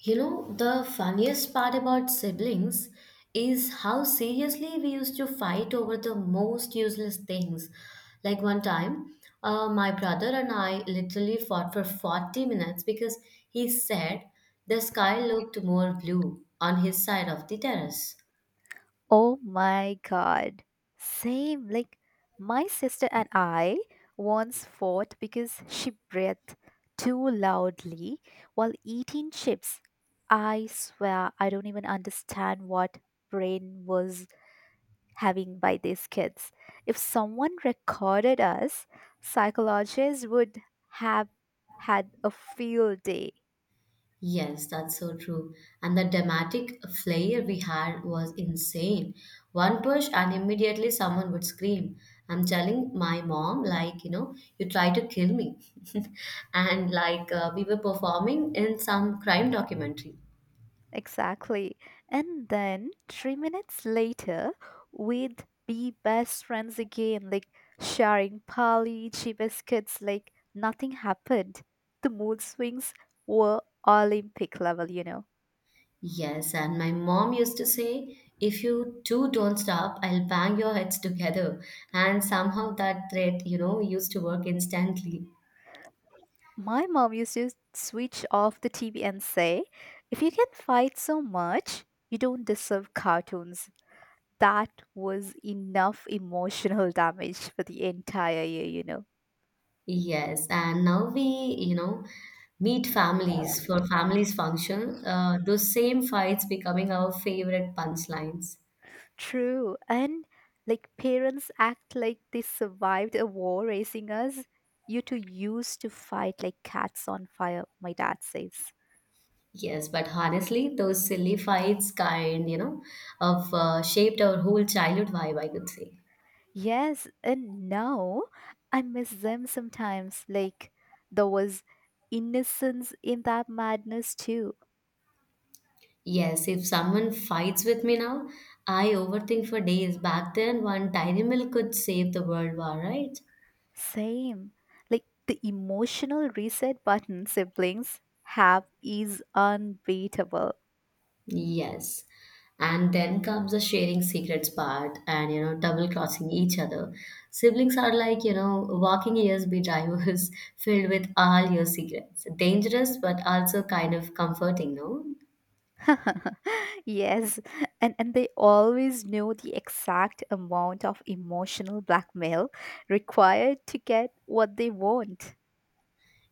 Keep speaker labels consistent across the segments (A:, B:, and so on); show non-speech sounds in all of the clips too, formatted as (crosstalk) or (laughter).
A: You know, the funniest part about siblings is how seriously we used to fight over the most useless things. Like one time, my brother and I literally fought for 40 minutes because he said the sky looked more blue on his side of the terrace.
B: Oh my god. Same. Like, my sister and I once fought because she breathed too loudly while eating chips. I swear, I don't even understand what brain was having by these kids. If someone recorded us, psychologists would have had a field day.
A: Yes, that's so true. And the dramatic flair we had was insane. One push, and immediately someone would scream. I'm telling my mom, like, you try to kill me. (laughs) And like, we were performing in some crime documentary.
B: Exactly. And then 3 minutes later, we'd be best friends again, like sharing Polly, biscuits, like nothing happened. The mood swings were Olympic level.
A: Yes, and my mom used to say, if you two don't stop, I'll bang your heads together. And somehow that threat, used to work instantly.
B: My mom used to switch off the TV and say, if you can fight so much, you don't deserve cartoons. That was enough emotional (laughs) damage for the entire year.
A: Yes, and now we, meet families for families function. Those same fights becoming our favorite punchlines.
B: True. And like parents act like they survived a war raising us. You two used to fight like cats on fire, my dad says.
A: Yes, but honestly, those silly fights kind of shaped our whole childhood vibe, I could say.
B: Yes, and now I miss them sometimes. Like there was innocence in that madness too.
A: Yes, if someone fights with me now, I overthink for days. Back then, one dairy milk could save the world war, right?
B: Same. Like the emotional reset button siblings have is unbeatable.
A: Yes. And then comes the sharing secrets part and, double crossing each other. Siblings are like, walking USB drivers (laughs) filled with all your secrets. Dangerous, but also kind of comforting, no?
B: (laughs) Yes, and they always know the exact amount of emotional blackmail required to get what they want.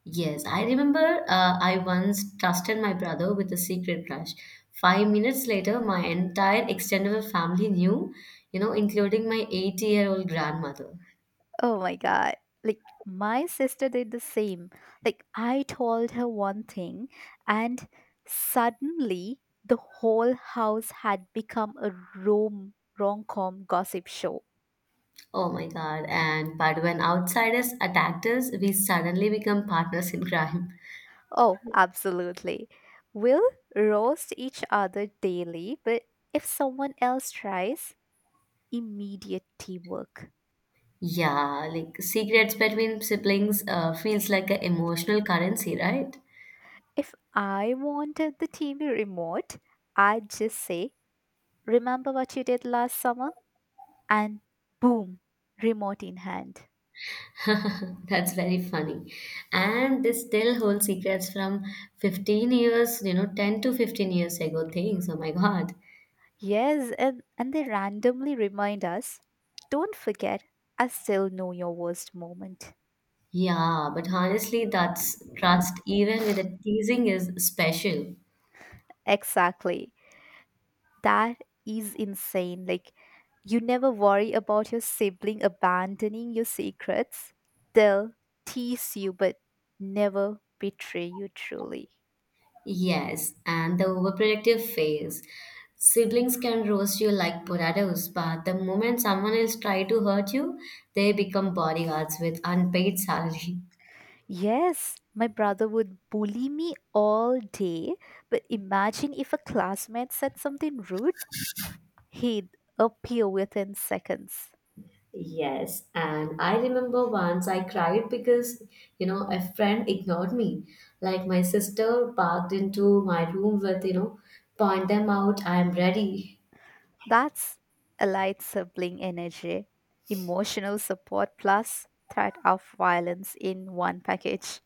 A: Yes, I remember I once trusted my brother with a secret crush. Five minutes later, my entire extended family knew, including my 80-year-old grandmother.
B: Oh my god. Like my sister did the same. Like I told her one thing and suddenly the whole house had become a rom-com gossip show.
A: Oh my God. And but when outsiders attacked us, we suddenly become partners in crime.
B: Oh, absolutely. We'll roast each other daily, but if someone else tries, immediate teamwork.
A: Yeah, like secrets between siblings feels like an emotional currency, right?
B: If I wanted the TV remote, I'd just say, Remember what you did last summer? And boom, remote in hand.
A: (laughs) That's very funny. And they still hold secrets from 15 years, 10 to 15 years ago things. Oh my God.
B: Yes, and they randomly remind us, Don't forget, I still know your worst moment.
A: Yeah, but honestly, that's trust, even with the teasing, is special.
B: Exactly. That is insane. Like, you never worry about your sibling abandoning your secrets. They'll tease you, but never betray you truly.
A: Yes, and the overprotective phase. Siblings can roast you like potatoes, but the moment someone else try to hurt you, they become bodyguards with unpaid salary.
B: Yes, my brother would bully me all day, but imagine if a classmate said something rude, he'd appear within seconds.
A: Yes, and I remember once I cried because, a friend ignored me. Like my sister barked into my room with, point them out, I'm ready.
B: That's a light sibling energy, emotional support plus threat of violence in one package.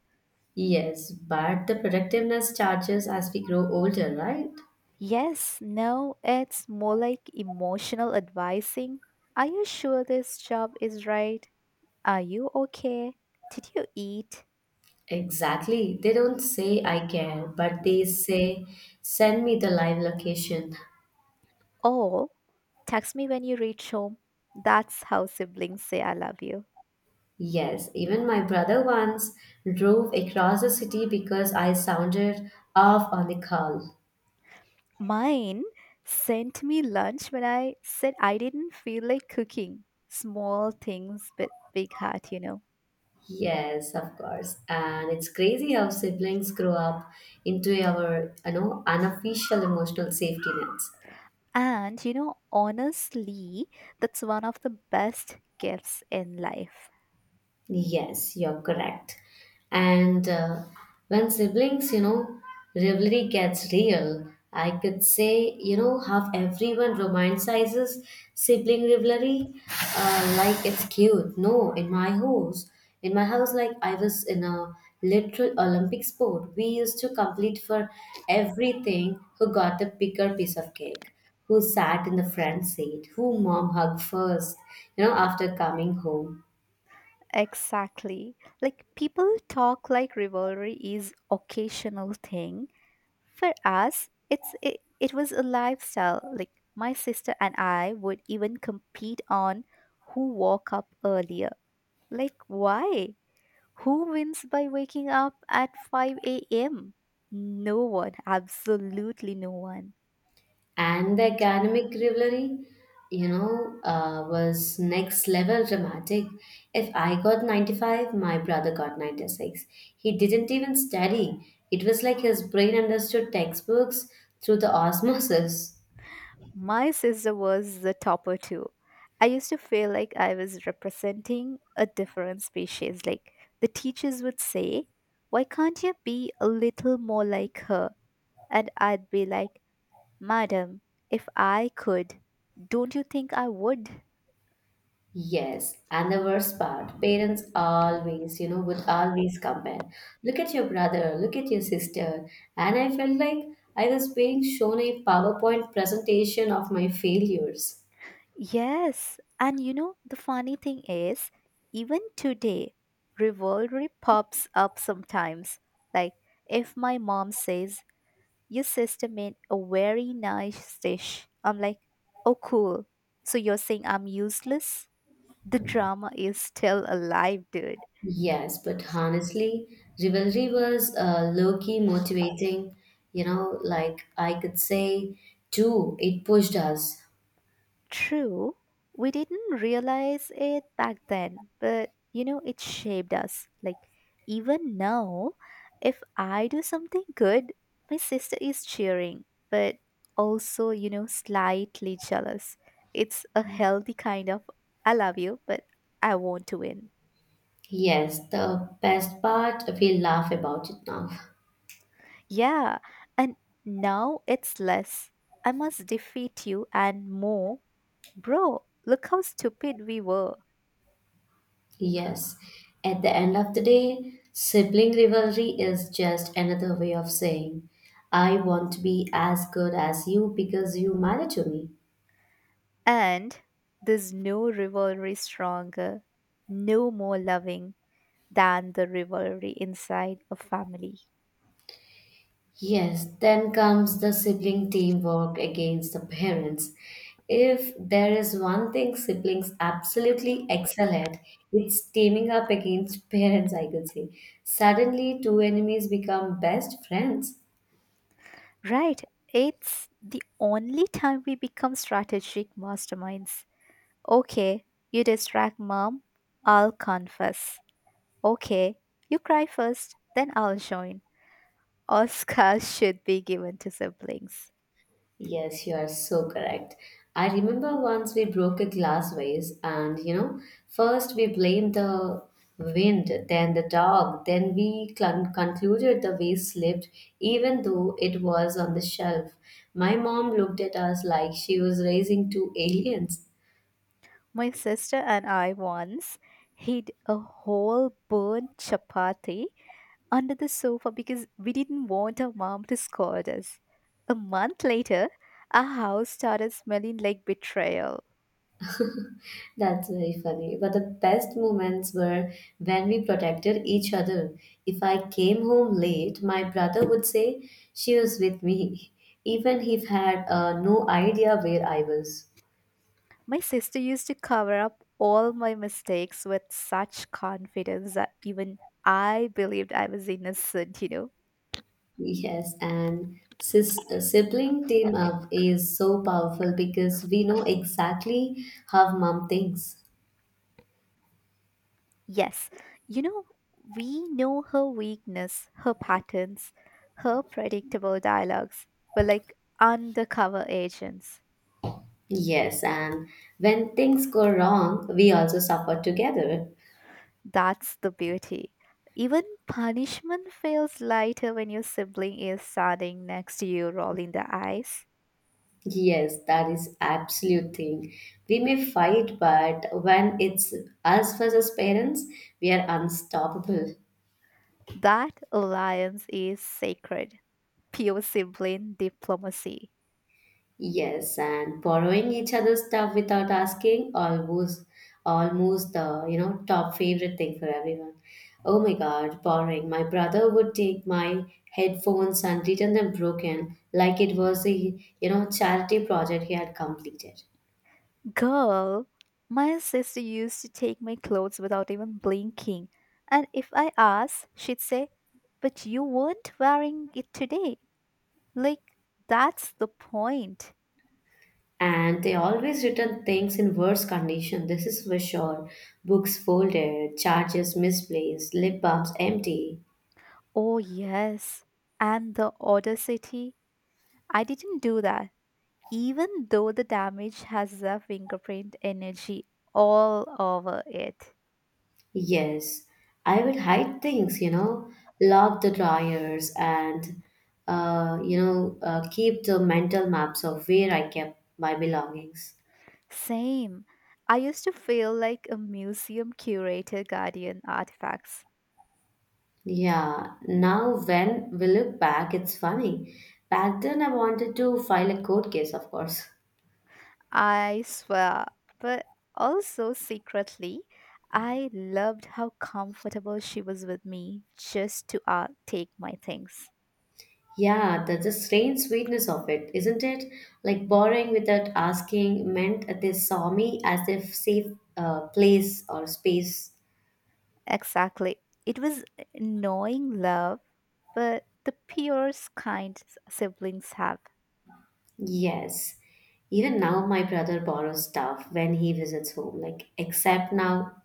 A: Yes, but the protectiveness charges as we grow older, right?
B: Yes, no, it's more like emotional advising. Are you sure this job is right? Are you okay? Did you eat?
A: Exactly. They don't say I care, but they say send me the live location.
B: Or text me when you reach home. That's how siblings say I love you.
A: Yes, even my brother once drove across the city because I sounded off on the call.
B: Mine sent me lunch when I said I didn't feel like cooking. Small things with big heart.
A: Yes, of course. And it's crazy how siblings grow up into our, unofficial emotional safety nets.
B: And honestly, that's one of the best gifts in life.
A: Yes, you're correct. And when siblings, rivalry gets real, I could say, you know, how everyone romanticizes sibling rivalry, like it's cute. No, in my house, like I was in a literal Olympic sport. We used to compete for everything who got the bigger piece of cake, who sat in the front seat, who mom hugged first, you know, after coming home.
B: Exactly. Like people talk like rivalry is occasional thing. For us, it was a lifestyle. Like my sister and I would even compete on who woke up earlier. Like why? Who wins by waking up at 5 a.m.? No one, absolutely no one.
A: And the academic rivalry, was next level dramatic. If I got 95, my brother got 96. He didn't even study. It was like his brain understood textbooks through the osmosis.
B: My sister was the topper too. I used to feel like I was representing a different species. Like the teachers would say, Why can't you be a little more like her? And I'd be like, Madam, if I could, don't you think I would?
A: Yes, and the worst part, parents always, would always compare. Look at your brother, look at your sister. And I felt like I was being shown a PowerPoint presentation of my failures.
B: Yes, and the funny thing is, even today, rivalry pops up sometimes. Like, if my mom says, Your sister made a very nice dish, I'm like, Oh, cool. So you're saying I'm useless? The drama is still alive, dude.
A: Yes, but honestly, rivalry was low-key motivating. You know, like I could say, too, it pushed us.
B: True, we didn't realize it back then, but it shaped us. Like, even now, if I do something good, my sister is cheering, but also, slightly jealous. It's a healthy kind of I love you, but I want to win.
A: Yes, the best part, we laugh about it now.
B: Yeah, and now it's less. I must defeat you and more. Bro, look how stupid we were.
A: Yes, at the end of the day, sibling rivalry is just another way of saying, I want to be as good as you because you matter to me.
B: And there's no rivalry stronger, no more loving than the rivalry inside a family.
A: Yes, then comes the sibling teamwork against the parents. If there is one thing siblings absolutely excel at, it's teaming up against (laughs) parents, I could say. Suddenly, two enemies become best friends.
B: Right? It's the only time we become strategic masterminds. Okay, you distract mom, I'll confess. Okay, you cry first, then I'll join. Oscars (laughs) should be given to siblings.
A: Yes, you are so correct. I remember once we broke a glass vase, and you know, first we blamed the wind, then the dog, then we clun concluded the vase slipped, even though it was on the shelf. My mom looked at us like she was raising two aliens.
B: My sister and I once hid a whole burnt chapati under the sofa because we didn't want our mom to scold us. A month later, our house started smelling like betrayal.
A: That's very funny. But the best moments were when we protected each other. If I came home late, my brother would say she was with me, even he had no idea where I was.
B: My sister used to cover up all my mistakes with such confidence that even I believed I was innocent.
A: Yes, and sibling team up is so powerful because we know exactly how mom thinks.
B: Yes, you know, we know her weakness, her patterns, her predictable dialogues. We're like undercover agents.
A: Yes, and when things go wrong, we also suffer together.
B: That's the beauty. Even punishment feels lighter when your sibling is standing next to you, rolling the eyes.
A: Yes, that is absolute thing. We may fight, but when it's us versus parents, we are unstoppable.
B: That alliance is sacred, pure sibling diplomacy.
A: Yes, and borrowing each other's stuff without asking almost the you know top favorite thing for everyone. Oh my God, borrowing. My brother would take my headphones and return them broken, like it was a you know charity project he had completed.
B: Girl, my sister used to take my clothes without even blinking. And if I asked, she'd say, But you weren't wearing it today. Like, that's the point.
A: And they always return things in worse condition. This is for sure. Books folded, charges misplaced, lip balms empty.
B: Oh, yes. And the audacity. I didn't do that, even though the damage has the fingerprint energy all over it.
A: Yes, I will hide things, lock the dryers and, keep the mental maps of where I kept my belongings.
B: Same. I used to feel like a museum curator guardian artifacts.
A: Yeah, now when we look back, it's funny. Back then, I wanted to file a court case, of course.
B: I swear. But also secretly, I loved how comfortable she was with me just to take my things.
A: Yeah, the strange sweetness of it, isn't it? Like borrowing without asking meant that they saw me as if safe place or space.
B: Exactly. It was annoying love, but the purest kind siblings have.
A: Yes. Even now, my brother borrows stuff when he visits home. Like, except now,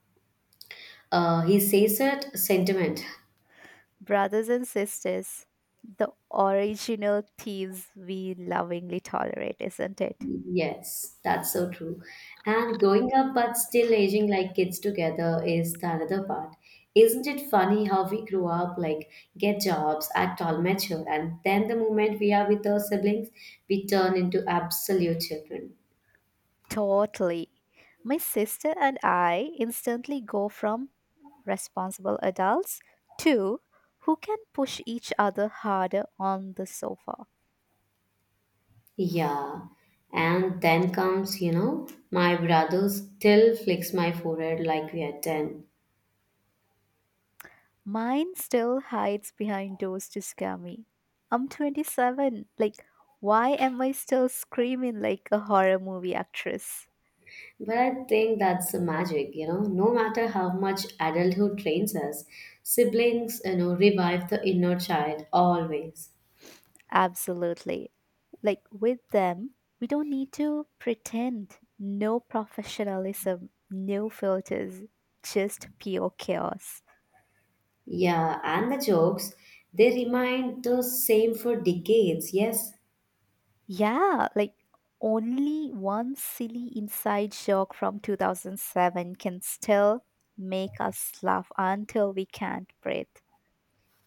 A: he says it sentiment. (laughs)
B: Brothers and sisters, the original thieves we lovingly tolerate, isn't it?
A: Yes, that's so true. And growing up but still aging like kids together is the another part. Isn't it funny how we grow up, like get jobs, act all mature, and then the moment we are with our siblings, we turn into absolute children.
B: Totally. My sister and I instantly go from responsible adults to who can push each other harder on the sofa.
A: Yeah. And then comes, you know, my brother still flicks my forehead like we are 10.
B: Mine still hides behind doors to scare me. I'm 27. Like, why am I still screaming like a horror movie actress?
A: But I think that's the magic, you know. No matter how much adulthood trains us, siblings, revive the inner child always.
B: Absolutely. Like with them, we don't need to pretend. No professionalism, no filters, just pure chaos.
A: Yeah, and the jokes, they remind the same for decades, yes?
B: Yeah, like only one silly inside joke from 2007 can still make us laugh until we can't breathe.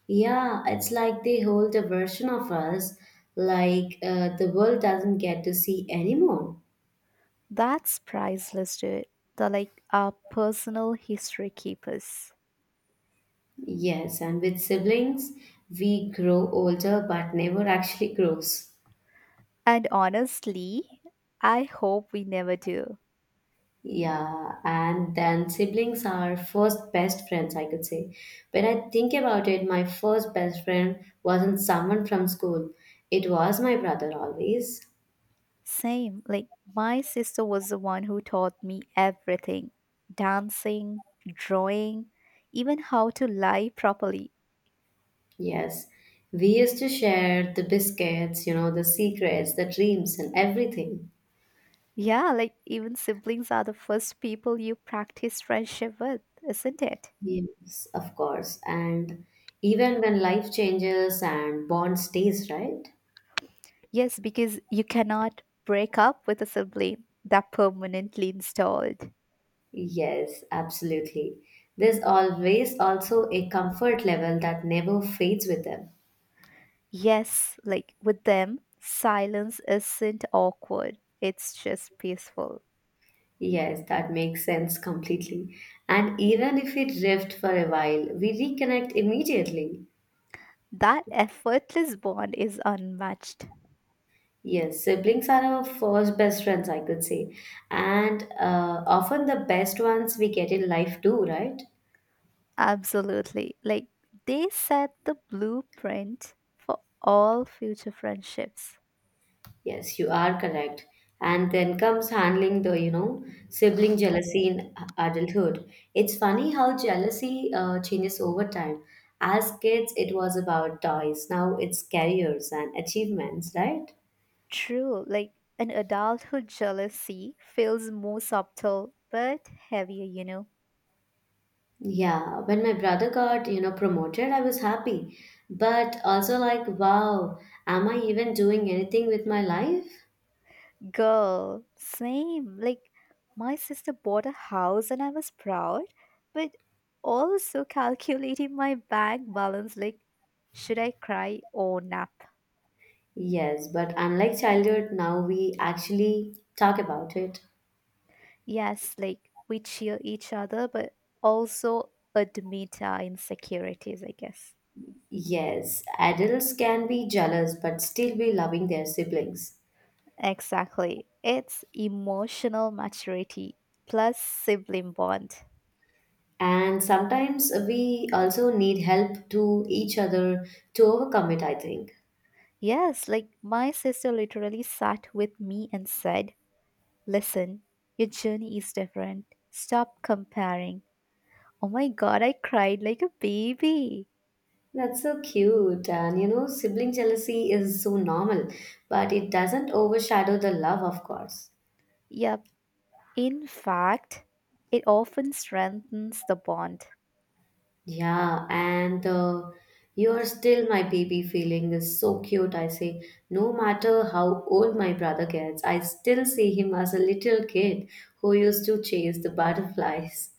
A: Yeah, it's like they hold a version of us like the world doesn't get to see anymore.
B: That's priceless, dude. They're like our personal history keepers.
A: Yes, and with siblings, we grow older but never actually grows.
B: And honestly, I hope we never do.
A: Yeah, and then siblings are first best friends, I could say. When I think about it, my first best friend wasn't someone from school, it was my brother always.
B: Same. Like, my sister was the one who taught me everything dancing, drawing, even how to lie properly.
A: Yes, we used to share the biscuits, the secrets, the dreams, and everything.
B: Yeah, like, even siblings are the first people you practice friendship with, isn't it?
A: Yes, of course. And even when life changes and bond stays, right?
B: Yes, because you cannot break up with a sibling that permanently installed.
A: Yes, absolutely. There's always also a comfort level that never fades with them.
B: Yes, like, with them, silence isn't awkward, it's just peaceful.
A: Yes, that makes sense completely. And even if we drift for a while, we reconnect immediately.
B: That effortless bond is unmatched.
A: Yes, siblings are our first best friends, I could say. And often the best ones we get in life too, right?
B: Absolutely. Like they set the blueprint for all future friendships.
A: Yes, you are correct. And then comes handling the, sibling jealousy in adulthood. It's funny how jealousy changes over time. As kids, it was about toys. Now it's careers and achievements, right?
B: True. Like an adulthood jealousy feels more subtle but heavier.
A: Yeah, when my brother got, promoted, I was happy, but also like, wow, am I even doing anything with my life?
B: Girl, same. Like my sister bought a house and I was proud, but also calculating my bank balance like should I cry or not?
A: Yes, but unlike childhood, now we actually talk about it.
B: Yes, like we cheer each other, but also admit our insecurities, I guess.
A: Yes, adults can be jealous but still be loving their siblings.
B: Exactly. It's emotional maturity plus sibling bond.
A: And sometimes we also need help to each other to overcome it, I think.
B: Yes, like my sister literally sat with me and said, Listen, your journey is different. Stop comparing. Oh my god, I cried like a baby.
A: That's so cute. And you know, sibling jealousy is so normal, but it doesn't overshadow the love, of course.
B: Yep. In fact, it often strengthens the bond.
A: Yeah, and you're still my baby feeling is so cute. I say, no matter how old my brother gets, I still see him as a little kid who used to chase the butterflies.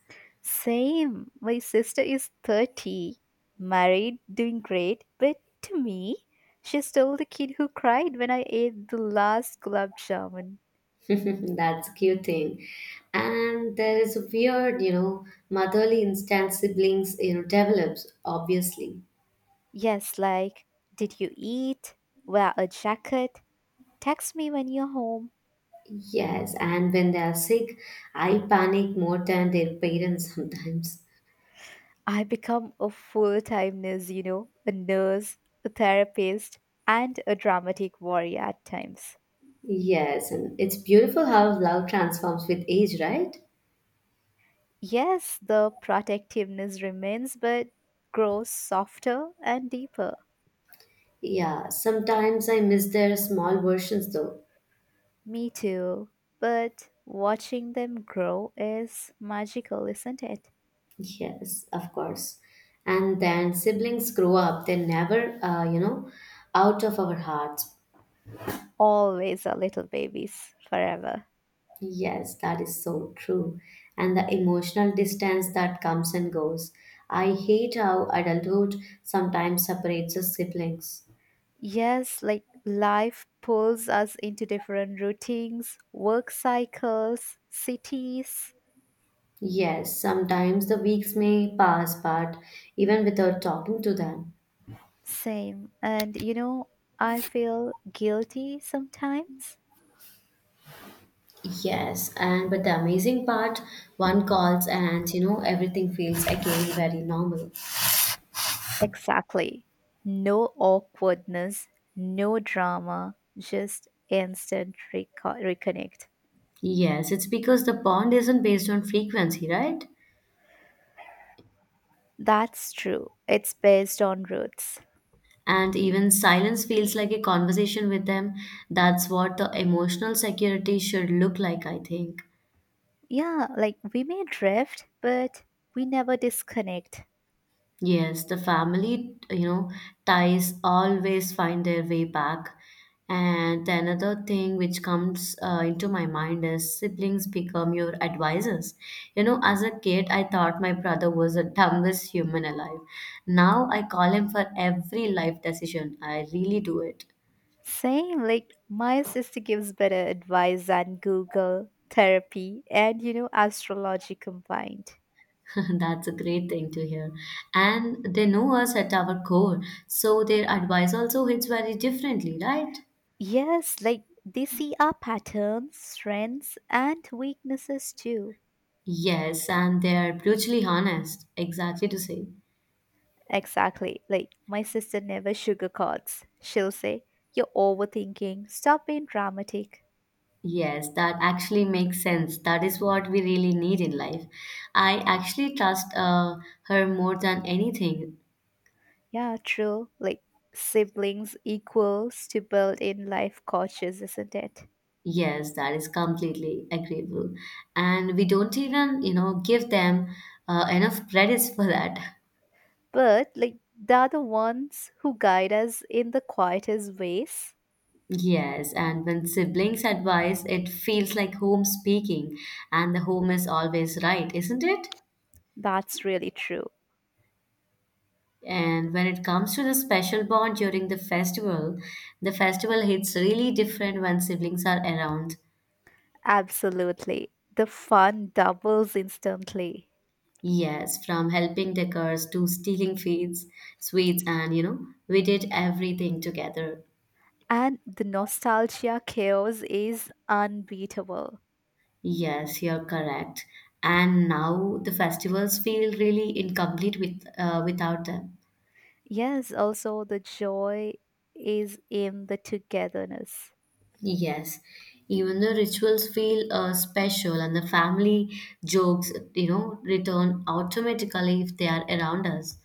B: Same. My sister is 30, married, doing great, but to me, she's still the kid who cried when I ate the last gulab jamun.
A: (laughs) That's a cute thing. And there is a weird, motherly instinct siblings, develops, obviously.
B: Yes, like, did you eat? Wear a jacket? Text me when you're home.
A: Yes, and when they are sick, I panic more than their parents sometimes.
B: I become a full time nurse, a nurse, a therapist, and a dramatic warrior at times.
A: Yes, and it's beautiful how love transforms with age, right?
B: Yes, the protectiveness remains, but grows softer and deeper.
A: Yeah, sometimes I miss their small versions though.
B: Me too. But watching them grow is magical, isn't it?
A: Yes, of course. And then siblings grow up, they're never, out of our hearts.
B: Always are little babies, forever.
A: Yes, that is so true. And the emotional distance that comes and goes. I hate how adulthood sometimes separates us siblings.
B: Yes, like life pulls us into different routines, work cycles, cities.
A: Yes, sometimes the weeks may pass, but even without talking to them.
B: Same. And I feel guilty sometimes.
A: Yes, and but the amazing part, one calls and you know everything feels again very normal.
B: Exactly. No awkwardness, no drama, just instant reconnect.
A: Yes, it's because the bond isn't based on frequency, right?
B: That's true. It's based on roots.
A: And even silence feels like a conversation with them. That's what the emotional security should look like, I think.
B: Yeah, like we may drift, but we never disconnect.
A: Yes, the family, ties always find their way back. And the another thing which comes into my mind is siblings become your advisors. You know, as a kid, I thought my brother was the (laughs) dumbest human alive. Now I call him for every life decision. I really do it.
B: Same, like my sister gives better advice than Google, therapy, and astrology combined.
A: (laughs) That's a great thing to hear. And they know us at our core, so their advice also hits very differently, right?
B: Yes, like they see our patterns, strengths, and weaknesses too.
A: Yes, and they're brutally honest. Exactly to say.
B: Exactly. Like my sister never sugarcoats. She'll say, You're overthinking, stop being dramatic.
A: Yes, that actually makes sense. That is what we really need in life. I actually trust her more than anything.
B: Yeah, true. Like siblings equals to build in life coaches, isn't it?
A: Yes, that is completely agreeable. And we don't even, you know, give them enough credits for that.
B: But like they're the ones who guide us in the quietest ways.
A: Yes, and when siblings advise, it feels like home speaking, and the home is always right, isn't it?
B: That's really true.
A: And when it comes to the special bond during the festival hits really different when siblings are around.
B: Absolutely. The fun doubles instantly.
A: Yes, from helping decors to stealing feeds, sweets, and you know, we did everything together.
B: And the nostalgia chaos is unbeatable.
A: Yes, you're correct. And now the festivals feel really incomplete with without them.
B: Yes, also the joy is in the togetherness.
A: Yes, even the rituals feel special, and the family jokes, you know, return automatically if they are around us.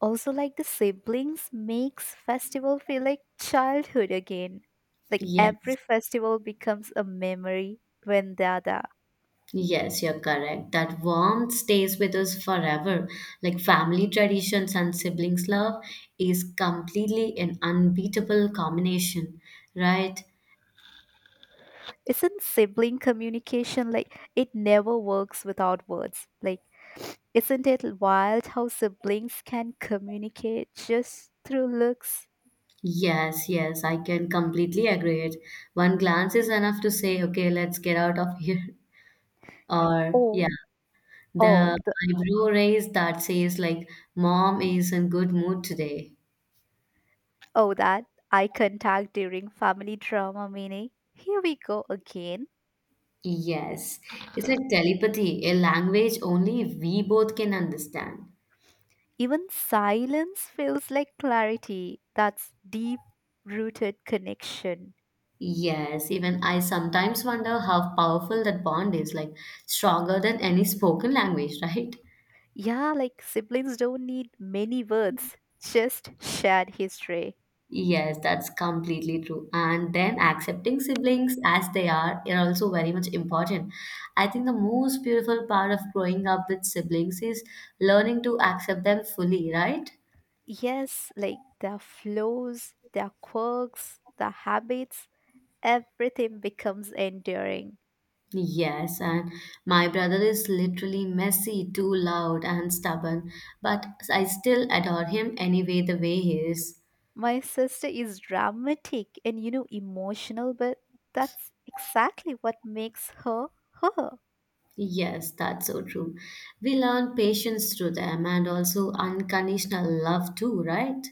B: Also, like the siblings makes festival feel like childhood again. Like
A: Yes,
B: every festival becomes a memory when they're there.
A: yes, you're correct. That warmth stays with us forever. Like family traditions and siblings love is completely an unbeatable combination, right?
B: Isn't sibling communication like it never works without words? Like, isn't it wild how siblings can communicate just through looks?
A: Yes, yes, I can completely agree it. One glance is enough to say, okay, let's get out of here. (laughs) Or yeah,
B: Oh,
A: the
B: oh, the,
A: eyebrow raise that says like mom is in good mood today.
B: oh, that eye contact during family drama meaning. Here we go again.
A: Yes, it's like telepathy, a language only we both can understand.
B: Even silence feels like clarity. That's deep rooted connection.
A: Yes, even I sometimes wonder how powerful that bond is, like stronger than any spoken language, (laughs) right?
B: Yeah, like siblings don't need many words, just shared history.
A: Yes, that's completely true. And then accepting siblings as they are also very much important. I think the most beautiful part of growing up with siblings is learning to accept them fully, right?
B: Yes, like their flows, their quirks, their habits, everything becomes enduring.
A: Yes, and my brother is literally messy, too loud, and stubborn, but I still adore him anyway, the way he is.
B: My sister is dramatic and emotional, but that's exactly what makes her her.
A: Yes, that's so true. We learn patience through them and also unconditional love too, right?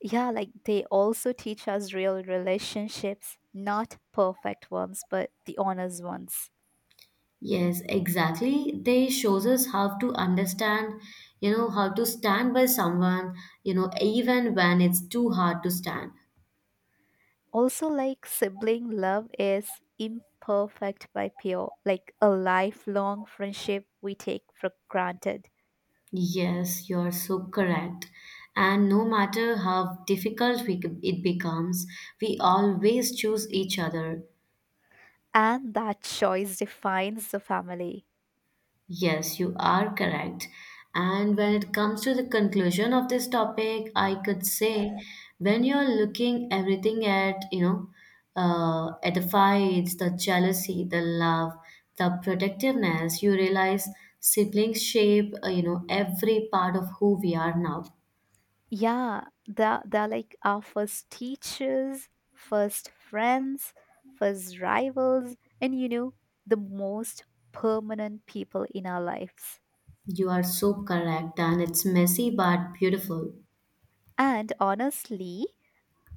B: Yeah, like they also teach us real relationships, not perfect ones, but the honest ones.
A: Yes, exactly. They shows us how to understand, you know, how to stand by someone, you know, even when it's too hard to stand.
B: Also, like sibling love is imperfect by pure, like a lifelong friendship we take for granted.
A: Yes, you're so correct. And no matter how difficult we, it becomes, we always choose each other.
B: And that choice defines the family.
A: Yes, you are correct. And when it comes to the conclusion of this topic, I could say when you're looking everything at, you know, at the fights, the jealousy, the love, the protectiveness, you realize siblings shape, you know, every part of who we are now.
B: Yeah, they're like our first teachers, first friends, first rivals, and the most permanent people in our lives.
A: You are so correct, and it's messy but beautiful.
B: And honestly,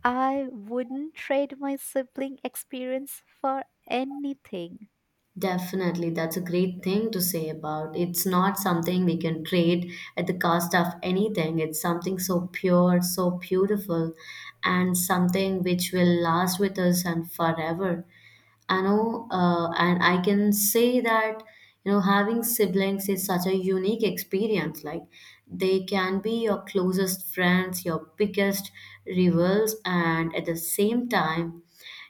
B: I wouldn't trade my sibling experience for anything.
A: Definitely, that's a great thing to say about. It's not something we can trade at the cost of anything. It's something so pure, so beautiful, and something which will last with us and forever. I know, and I can say that, you know, having siblings is such a unique experience. Like, they can be your closest friends, your biggest rivals, and at the same time,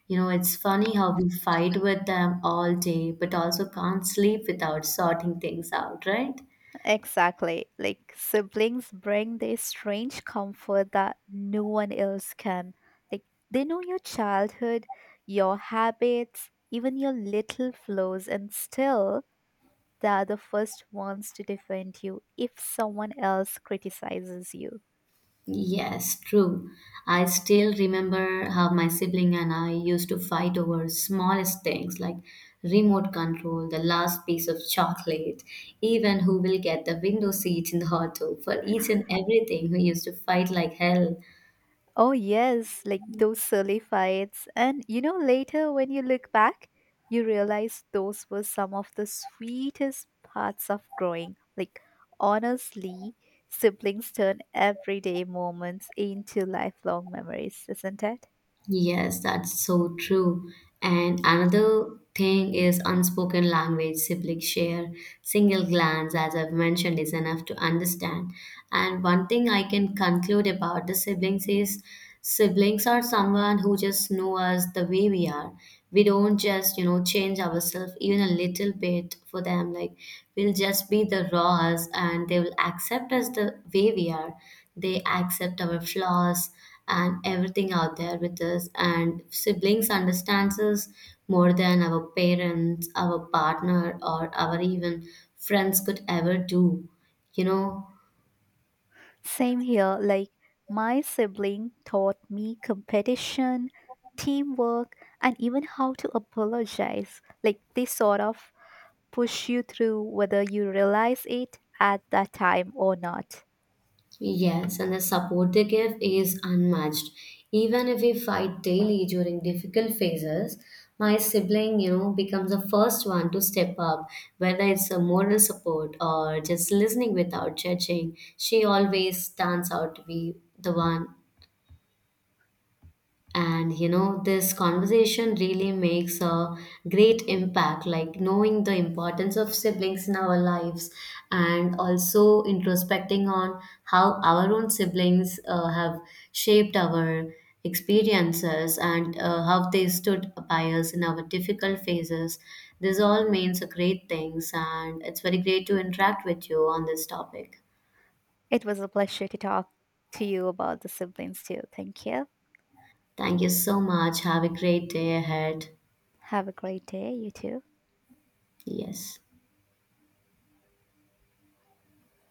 A: you know, it's funny how we fight with them all day, but also can't sleep without sorting things out, right?
B: Exactly. Like siblings bring this strange comfort that no one else can. Like they know your childhood, your habits, even your little flaws, and still they are the first ones to defend you if someone else criticizes you.
A: Yes, true. I still remember how my sibling and I used to fight over smallest things like remote control, the last piece of chocolate, even who will get the window seat in the auto. For each and everything, we used to fight like hell.
B: Oh, yes, like those silly fights. And later when you look back, you realize those were some of the sweetest parts of growing. Like, honestly, siblings turn everyday moments into lifelong memories, isn't it?
A: Yes, that's so true. And another thing is unspoken language siblings share. Single glance, as I've mentioned, is enough to understand. And one thing I can conclude about the siblings is siblings are someone who just know us the way we are. We don't just, you know, change ourselves even a little bit for them. Like we'll just be the raw us and they will accept us the way we are. They accept our flaws and everything out there with us, and siblings understands us more than our parents, our partner, or our even friends could ever do, you know.
B: Same here. Like, my sibling taught me competition, teamwork, and even how to apologize. Like, they sort of push you through whether you realize it at that time or not.
A: Yes, and the support they give is unmatched. Even if we fight daily during difficult phases, my sibling, you know, becomes the first one to step up. Whether it's a moral support or just listening without judging, she always stands out to be the one. And you know, this conversation really makes a great impact, like knowing the importance of siblings in our lives, and also introspecting on how our own siblings have shaped our experiences, and how they stood by us in our difficult phases. This all means a great things, and it's very great to interact with you on this topic.
B: It was a pleasure to talk to you about the siblings too. Thank you.
A: Thank you so much, have a great day ahead.
B: Have a great day, you too.
A: Yes.